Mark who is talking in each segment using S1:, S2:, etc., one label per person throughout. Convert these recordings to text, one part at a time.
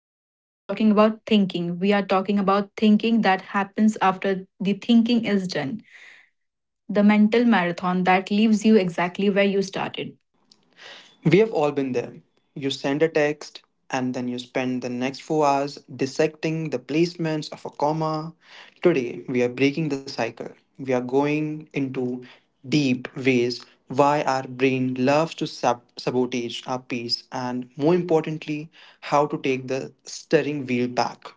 S1: are not just talking about thinking, we are talking about thinking that happens after the thinking is done. The mental marathon that leaves you exactly where you started.
S2: We have all been there. You send a text, and then you spend the next 4 hours dissecting the placements of a comma. Today, we are breaking the cycle. We are going into deep ways why our brain loves to sabotage our peace, and more importantly, how to take the steering wheel back.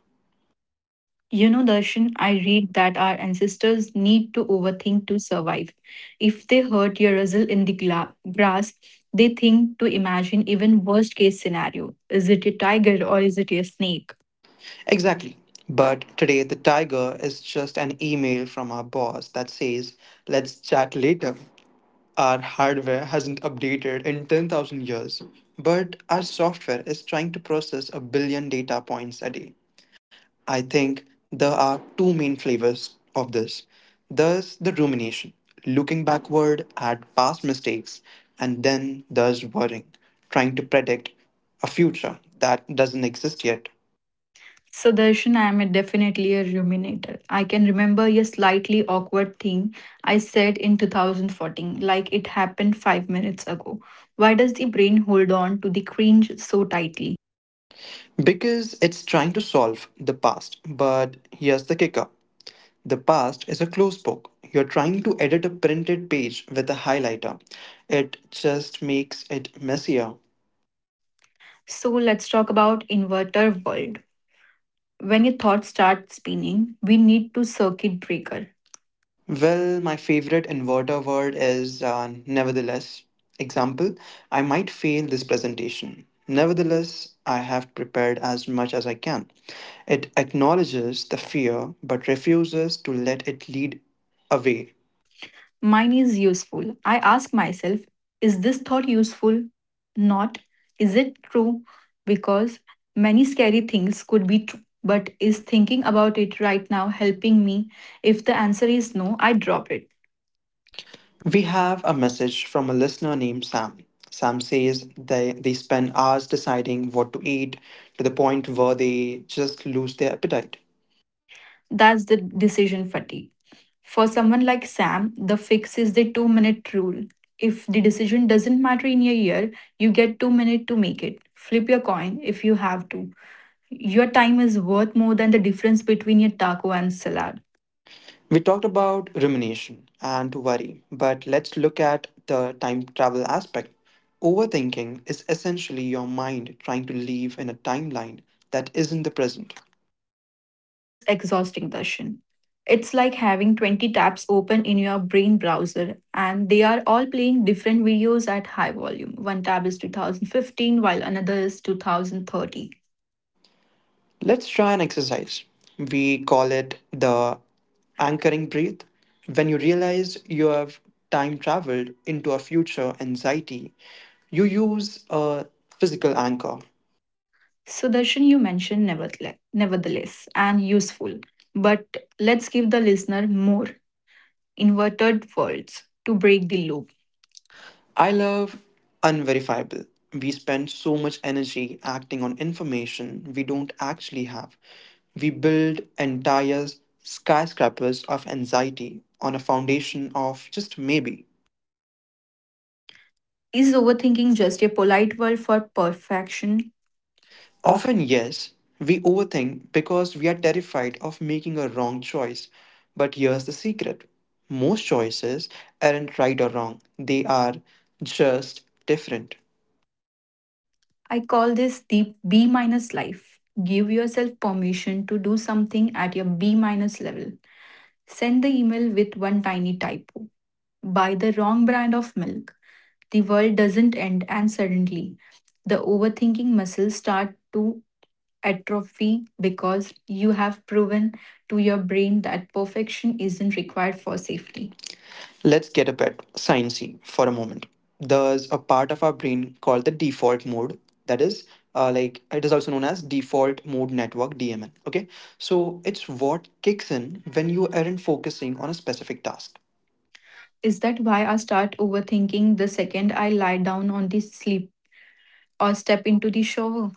S1: You know, Darshan, I read that our ancestors need to overthink to survive. If they hurt your rustle in the grass, they think to imagine even worst case scenario. Is it a tiger or is it a snake?
S2: Exactly. But today, the tiger is just an email from our boss that says, let's chat later. Our hardware hasn't updated in 10,000 years, but our software is trying to process a billion data points a day. I think there are two main flavors of this. There's the rumination, looking backward at past mistakes, and then there's worrying, trying to predict a future that doesn't exist yet.
S1: Sudarshan, I am definitely a ruminator. I can remember a slightly awkward thing I said in 2014, like it happened 5 minutes ago. Why does the brain hold on to the cringe so tightly?
S2: Because it's trying to solve the past, but here's the kicker. The past is a closed book. You're trying to edit a printed page with a highlighter. It just makes it messier.
S1: So let's talk about inverter world. When your thoughts start spinning, we need to circuit breaker.
S2: Well, my favorite inverter word is nevertheless. Example, I might fail this presentation. Nevertheless, I have prepared as much as I can. It acknowledges the fear but refuses to let it lead away.
S1: Mine is useful. I ask myself, is this thought useful? Not, is it true? Because many scary things could be true. But is thinking about it right now helping me? If the answer is no, I drop it.
S2: We have a message from a listener named Sam. Sam says they spend hours deciding what to eat to the point where they just lose their appetite.
S1: That's the decision fatigue. For someone like Sam, the fix is the 2 minute rule. If the decision doesn't matter in a year, you get 2 minutes to make it. Flip your coin if you have to. Your time is worth more than the difference between a taco and salad.
S2: We talked about rumination and worry, but let's look at the time travel aspect. Overthinking is essentially your mind trying to live in a timeline that isn't the present.
S1: Is exhausting, Darshan. It's like having 20 tabs open in your brain browser and they are all playing different videos at high volume. One tab is 2015 while another is 2030.
S2: Let's try an exercise. We call it the anchoring breath. When you realize you have time traveled into a future anxiety, you use a physical anchor.
S1: So, Darshan, you mentioned nevertheless, nevertheless and useful. But let's give the listener more inverted words to break the loop.
S2: I love unverifiable. We spend so much energy acting on information we don't actually have. We build entire skyscrapers of anxiety on a foundation of just maybe.
S1: Is overthinking just a polite word for perfection?
S2: Often, yes, we overthink because we are terrified of making a wrong choice. But here's the secret, most choices aren't right or wrong, they are just different.
S1: I call this the B minus life. Give yourself permission to do something at your B minus level. Send the email with one tiny typo. Buy the wrong brand of milk. The world doesn't end, and suddenly the overthinking muscles start to atrophy because you have proven to your brain that perfection isn't required for safety.
S2: Safety. Let's get a bit sciencey for a moment. There's a part of our brain called the default mode. That is, like, it is also known as default mode network (DMN). Okay, so it's what kicks in when you aren't focusing on a specific task.
S1: Is that why I start overthinking the second I lie down on the sleep or step into the shower?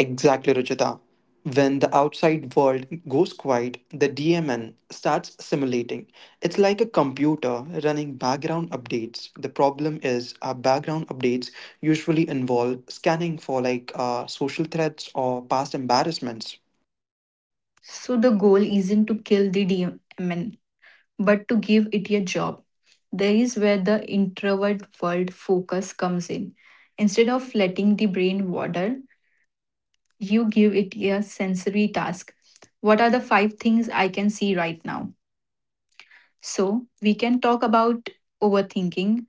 S2: Exactly, Ruchita. When the outside world goes quiet, the DMN starts simulating. It's like a computer running background updates. The problem is, our background updates usually involve scanning for like social threats or past embarrassments.
S1: So the goal isn't to kill the demon, but to give it a job. There is where the introvert world focus comes in. Instead of letting the brain wander, you give it a sensory task. What are the five things I can see right now? So we can talk about overthinking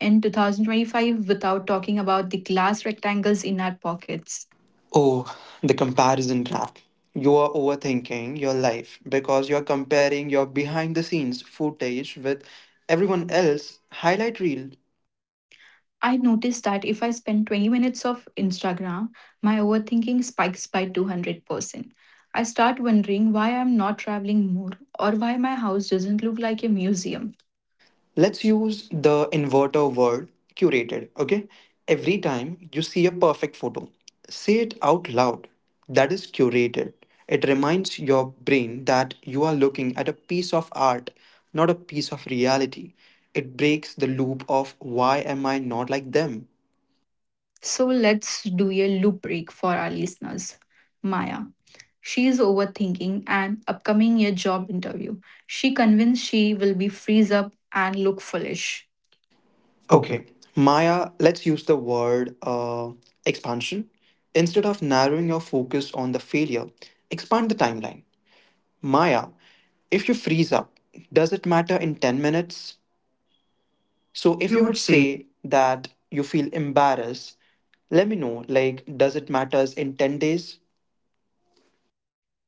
S1: in 2025 without talking about the glass rectangles in our pockets.
S2: Oh, the comparison trap. You are overthinking your life because you're comparing your behind the scenes footage with everyone else highlight reel.
S1: I noticed that if I spend 20 minutes of Instagram, my overthinking spikes by 200%. I start wondering why I'm not traveling more or why my house doesn't look like a museum.
S2: Let's use the inverter word curated, okay? Every time you see a perfect photo, say it out loud. That is curated. It reminds your brain that you are looking at a piece of art, not a piece of reality. It breaks the loop of why am I not like them?
S1: So let's do a loop break for our listeners. Maya. She is overthinking an upcoming year job interview. She convinced she will be freeze up and look foolish. Okay,
S2: Okay, Maya, let's use the word expansion. Instead of narrowing your focus on the failure, expand the timeline. Maya, if you freeze up, does it matter in 10 minutes? So,
S1: if
S2: if
S1: you
S2: you
S1: would
S2: would
S1: say.
S2: say that you feel embarrassed, let me know like, does it matters in 10 days?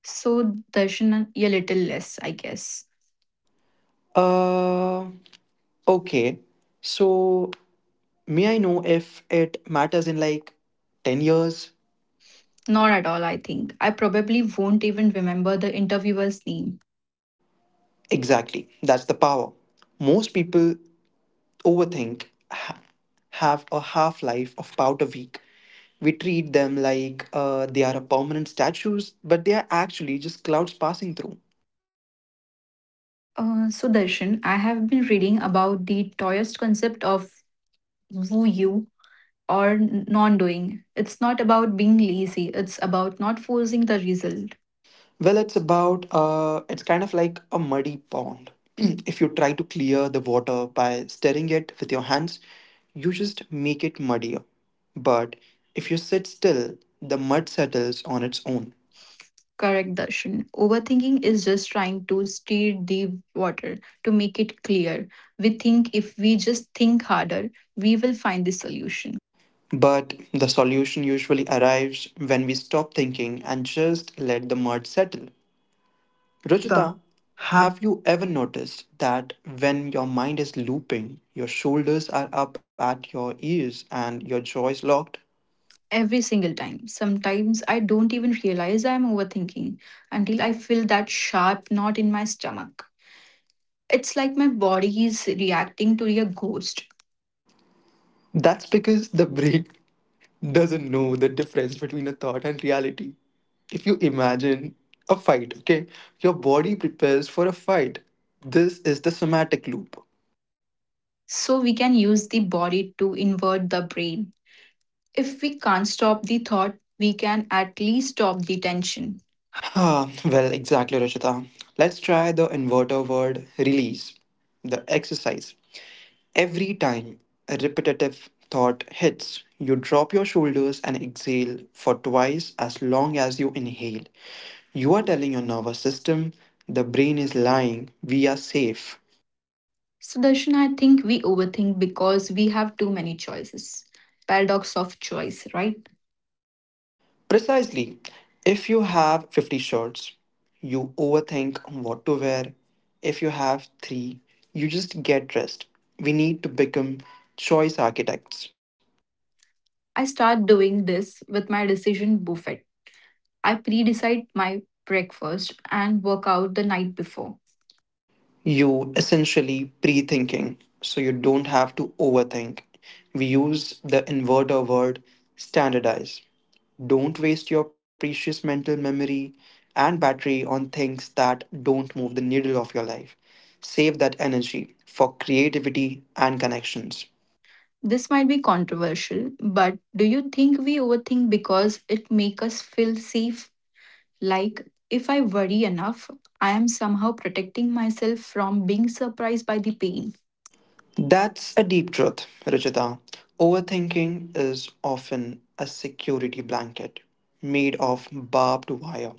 S1: So Darshan, a little less, I guess.
S2: Uh, okay. So, may I know if it matters in like 10 years? Not
S1: Not at all, I think. I probably won't even remember the interviewer's name.
S2: exactly. That's the power. Most people overthink ha- have a half life of about a week. We treat them like they are permanent statues, but they are actually just clouds passing through.
S1: Sudarshan, I have been reading about the Taoist concept of wu you or non doing. It's not about being lazy, it's about not forcing the result.
S2: Well, it's about, it's kind of like a muddy pond. If you try to clear the water by stirring it with your hands, you just make it muddier. But if you sit still, the mud settles on its own.
S1: Correct, Darshan. Overthinking is just trying to stir the water to make it clear. We think if we just think harder, we will find the solution.
S2: But the solution usually arrives when we stop thinking and just let the mud settle.
S1: Rajita,
S2: Rajita,
S1: have.
S2: have you ever noticed that when your mind is looping, your shoulders are up at your ears and your jaw is locked?
S1: Every single time. Sometimes I don't even realize I'm overthinking until I feel that sharp knot in my stomach. It's like my body is reacting to a ghost.
S2: That's because the brain doesn't know the difference between a thought and reality. If you imagine a fight, okay, your body prepares for a fight. This is the somatic loop.
S1: So we can use the body to invert the brain. If we can't stop the thought, we can at least stop the tension.
S2: Ah, well, exactly, Rajita. Let's try the inverter word release, the exercise. Every time a repetitive thought hits, you drop your shoulders and exhale for twice as long as you inhale. You are telling your nervous system, the brain is lying, we are safe.
S1: So Sudarshan, I think we overthink because we have too many choices. Paradox of choice, right?
S2: Precisely, if you have 50 shirts, you overthink what to wear. If you have three, you just get dressed. We need to become choice architects.
S1: I start doing this with my decision buffet. I pre decide my breakfast and work out the night before.
S2: You essentially pre-thinking, so you don't have to overthink. We use the inverter word standardize. Don't waste your precious mental memory and battery on things that don't move the needle of your life. Save that energy for creativity and connections.
S1: This might be controversial, but do you think we overthink because it makes us feel safe? Like, if I worry enough, I am somehow protecting myself from being surprised by the pain.
S2: That's a deep truth, Rajita. Overthinking is often a security blanket made of barbed wire.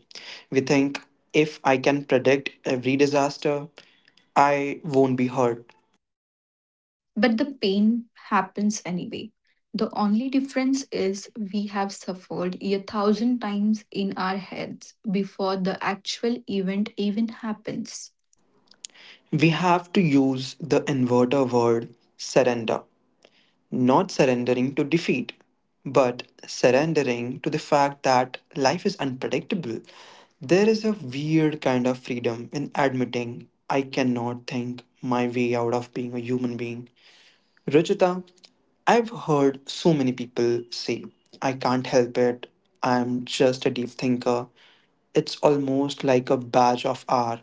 S2: We think, if I can predict every disaster, I won't be hurt.
S1: But the pain happens anyway. The only difference is we have suffered a thousand times in our heads before the actual event even happens.
S2: We have to use the inverter word surrender. Not surrendering to defeat, but surrendering to the fact that life is unpredictable. There is a weird kind of freedom in admitting I cannot think my way out of being a human being. Ruchita, I've heard so many people say, I can't help it, I'm just a deep thinker. It's almost like a badge of honor.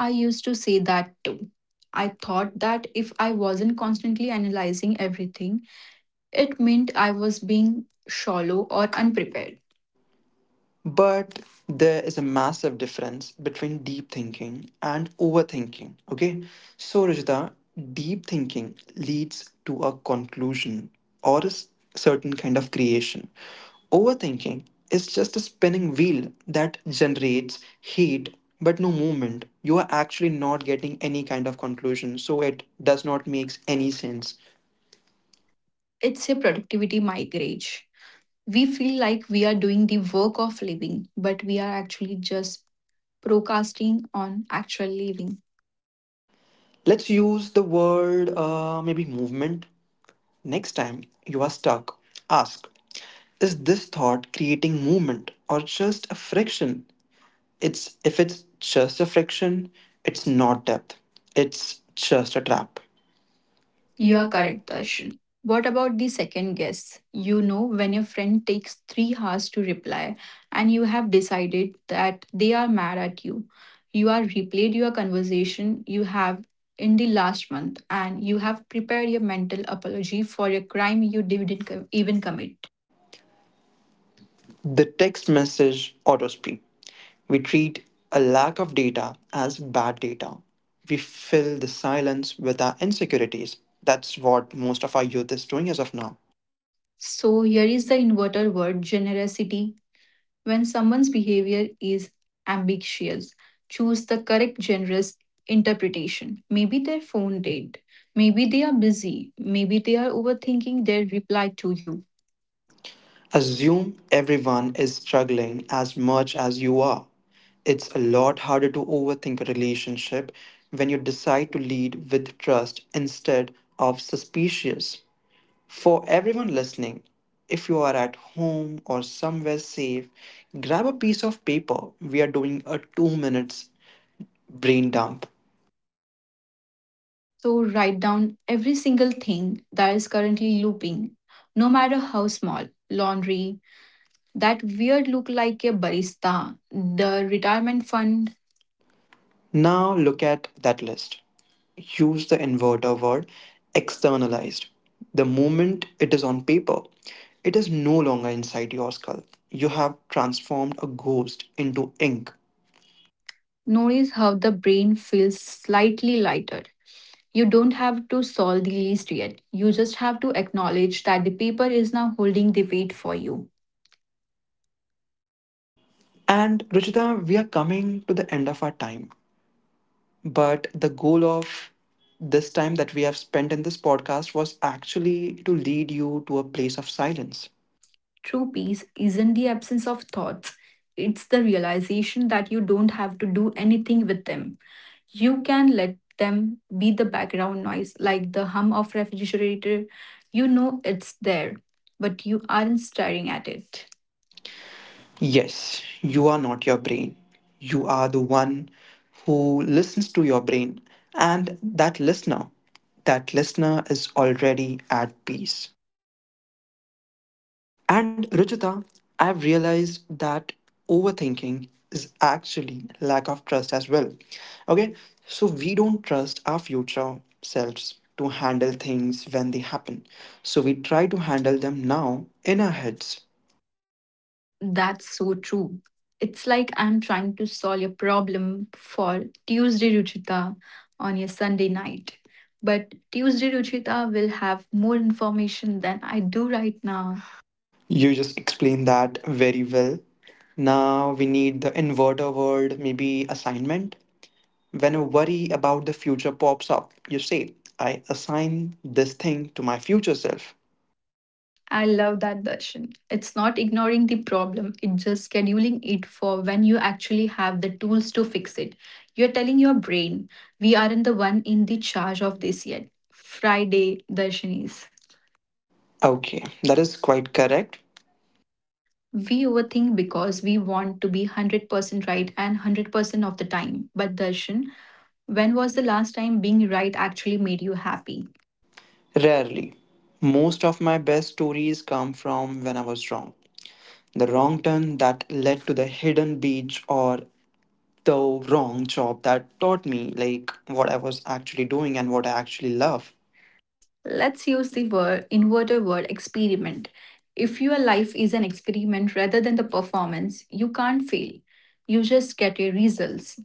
S1: I used to say that too. I thought that if I wasn't constantly analyzing everything, it meant I was being shallow or unprepared.
S2: But there is a massive difference between deep thinking and overthinking. Okay. So, Rajita, deep thinking leads to a conclusion or a certain kind of creation. Overthinking is just a spinning wheel that generates heat but no movement. You are actually not getting any kind of conclusion. So, it does not make any sense.
S1: It's a productivity migraine. We feel like we are doing the work of living, but we are actually just procrastinating on actual living.
S2: Let's use the word maybe movement. Next time you are stuck, ask, is this thought creating movement or just a friction? It's if it's just a friction, it's not depth. It's just a trap.
S1: You
S2: You
S1: are
S2: are
S1: correct,
S2: correct, Darshan.
S1: Darshan. What about the second guess? You know, when your friend takes 3 hours to reply and you have decided that they are mad at you, you are replayed your conversation you have in the last month and you have prepared your mental apology for a crime you didn't even commit.
S2: The text message auto-speak. We treat a lack of data as bad data. We fill the silence with our insecurities. That's what most of our youth is doing as of now.
S1: So, here is the inverted word generosity. When someone's behavior is ambiguous, choose the correct generous interpretation. Maybe their phone did. Maybe they are busy. Maybe they are overthinking their reply to you.
S2: Assume everyone is struggling as much as you are. It's a lot harder to overthink a relationship when you decide to lead with trust instead of suspicious. For everyone listening, if you are at home or somewhere safe, grab a piece of paper. We are doing a 2 minute minutes brain dump.
S1: So write down every single thing that is currently looping, no matter how small. Laundry, that weird look like a barista, the retirement fund.
S2: Now look at that list. Use the inverter word externalized. The moment it is on paper, it is no longer inside your skull. You have transformed a ghost into ink.
S1: Notice how the brain feels slightly lighter. You don't have to solve the list yet. You just have to acknowledge that the paper is now holding the weight for you.
S2: And Ruchita, we are coming to the end of our time, but the goal of this time that we have spent in this podcast was actually to lead you to a place of silence.
S1: True peace isn't the absence of thoughts, it's the realization that you don't have to do anything with them. You can let them be the background noise, like the hum of refrigerator. You know it's there, but you aren't staring at it.
S2: Yes, you are not your brain. You are the one who listens to your brain, and that listener is already at peace. And Ruchita, I've realized that overthinking is actually lack of trust as well. Okay, so we don't trust our future selves to handle things when they happen. So we try to handle them now in our heads.
S1: That's so true. It's like I'm trying to solve your problem for Tuesday Ruchita on your Sunday night. But Tuesday Ruchita will have more information than I do right now.
S2: You just explained that very well. Now we need the inverter word, maybe assignment. When a worry about the future pops up, you say, I assign this thing to my future self.
S1: I love that Darshan. It's not ignoring the problem, it's just scheduling it for when you actually have the tools to fix it. You're telling your brain, we aren't the one in the charge of this yet. Friday, Darshan is.
S2: Okay, that is quite correct.
S1: We overthink because we want to be 100% right and 100% of the time. But Darshan, when was the last time being right actually made you happy?
S2: Rarely. Most of my best stories come from when I was wrong. The wrong turn that led to the hidden beach, or the wrong job that taught me like what I was actually doing and what I actually love.
S1: Let's use the word inverted word experiment. If your life is an experiment rather than the performance, you can't fail. You just get your results.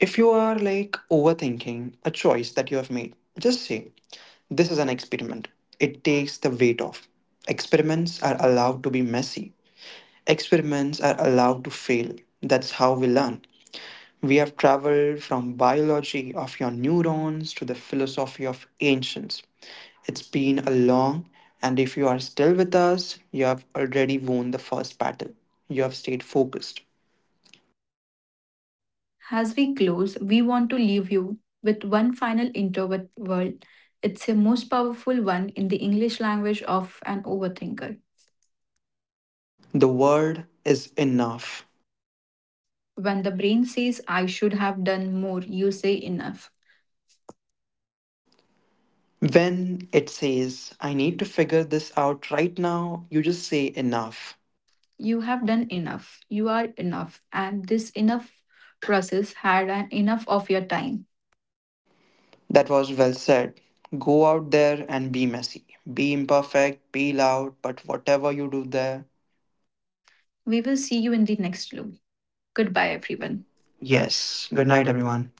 S2: If you are like overthinking a choice that you have made, just say this is an experiment. It takes the weight off. Experiments are allowed to be messy. Experiments are allowed to fail. That's how we learn. We have traveled from biology of your neurons to the philosophy of ancients. It's been a long, and if you are still with us, you have already won the first battle. You have stayed focused.
S1: As we close, we want to leave you with one final introvert word. It's a most powerful one in the English language of an overthinker.
S2: The word is enough.
S1: When the brain says, I should have done more, you say enough.
S2: When it says, I need to figure this out right now, you just say enough.
S1: You have done enough. You are enough. And this enough process had an enough of your time.
S2: That was well said. Go out there and be messy. Be imperfect, be loud, but whatever you do there,
S1: We will see you in the next loop.
S2: goodbye,
S1: Goodbye,
S2: everyone.
S1: everyone.
S2: Yes.
S1: Yes.
S2: Good
S1: Good
S2: night,
S1: night,
S2: everyone.
S1: everyone.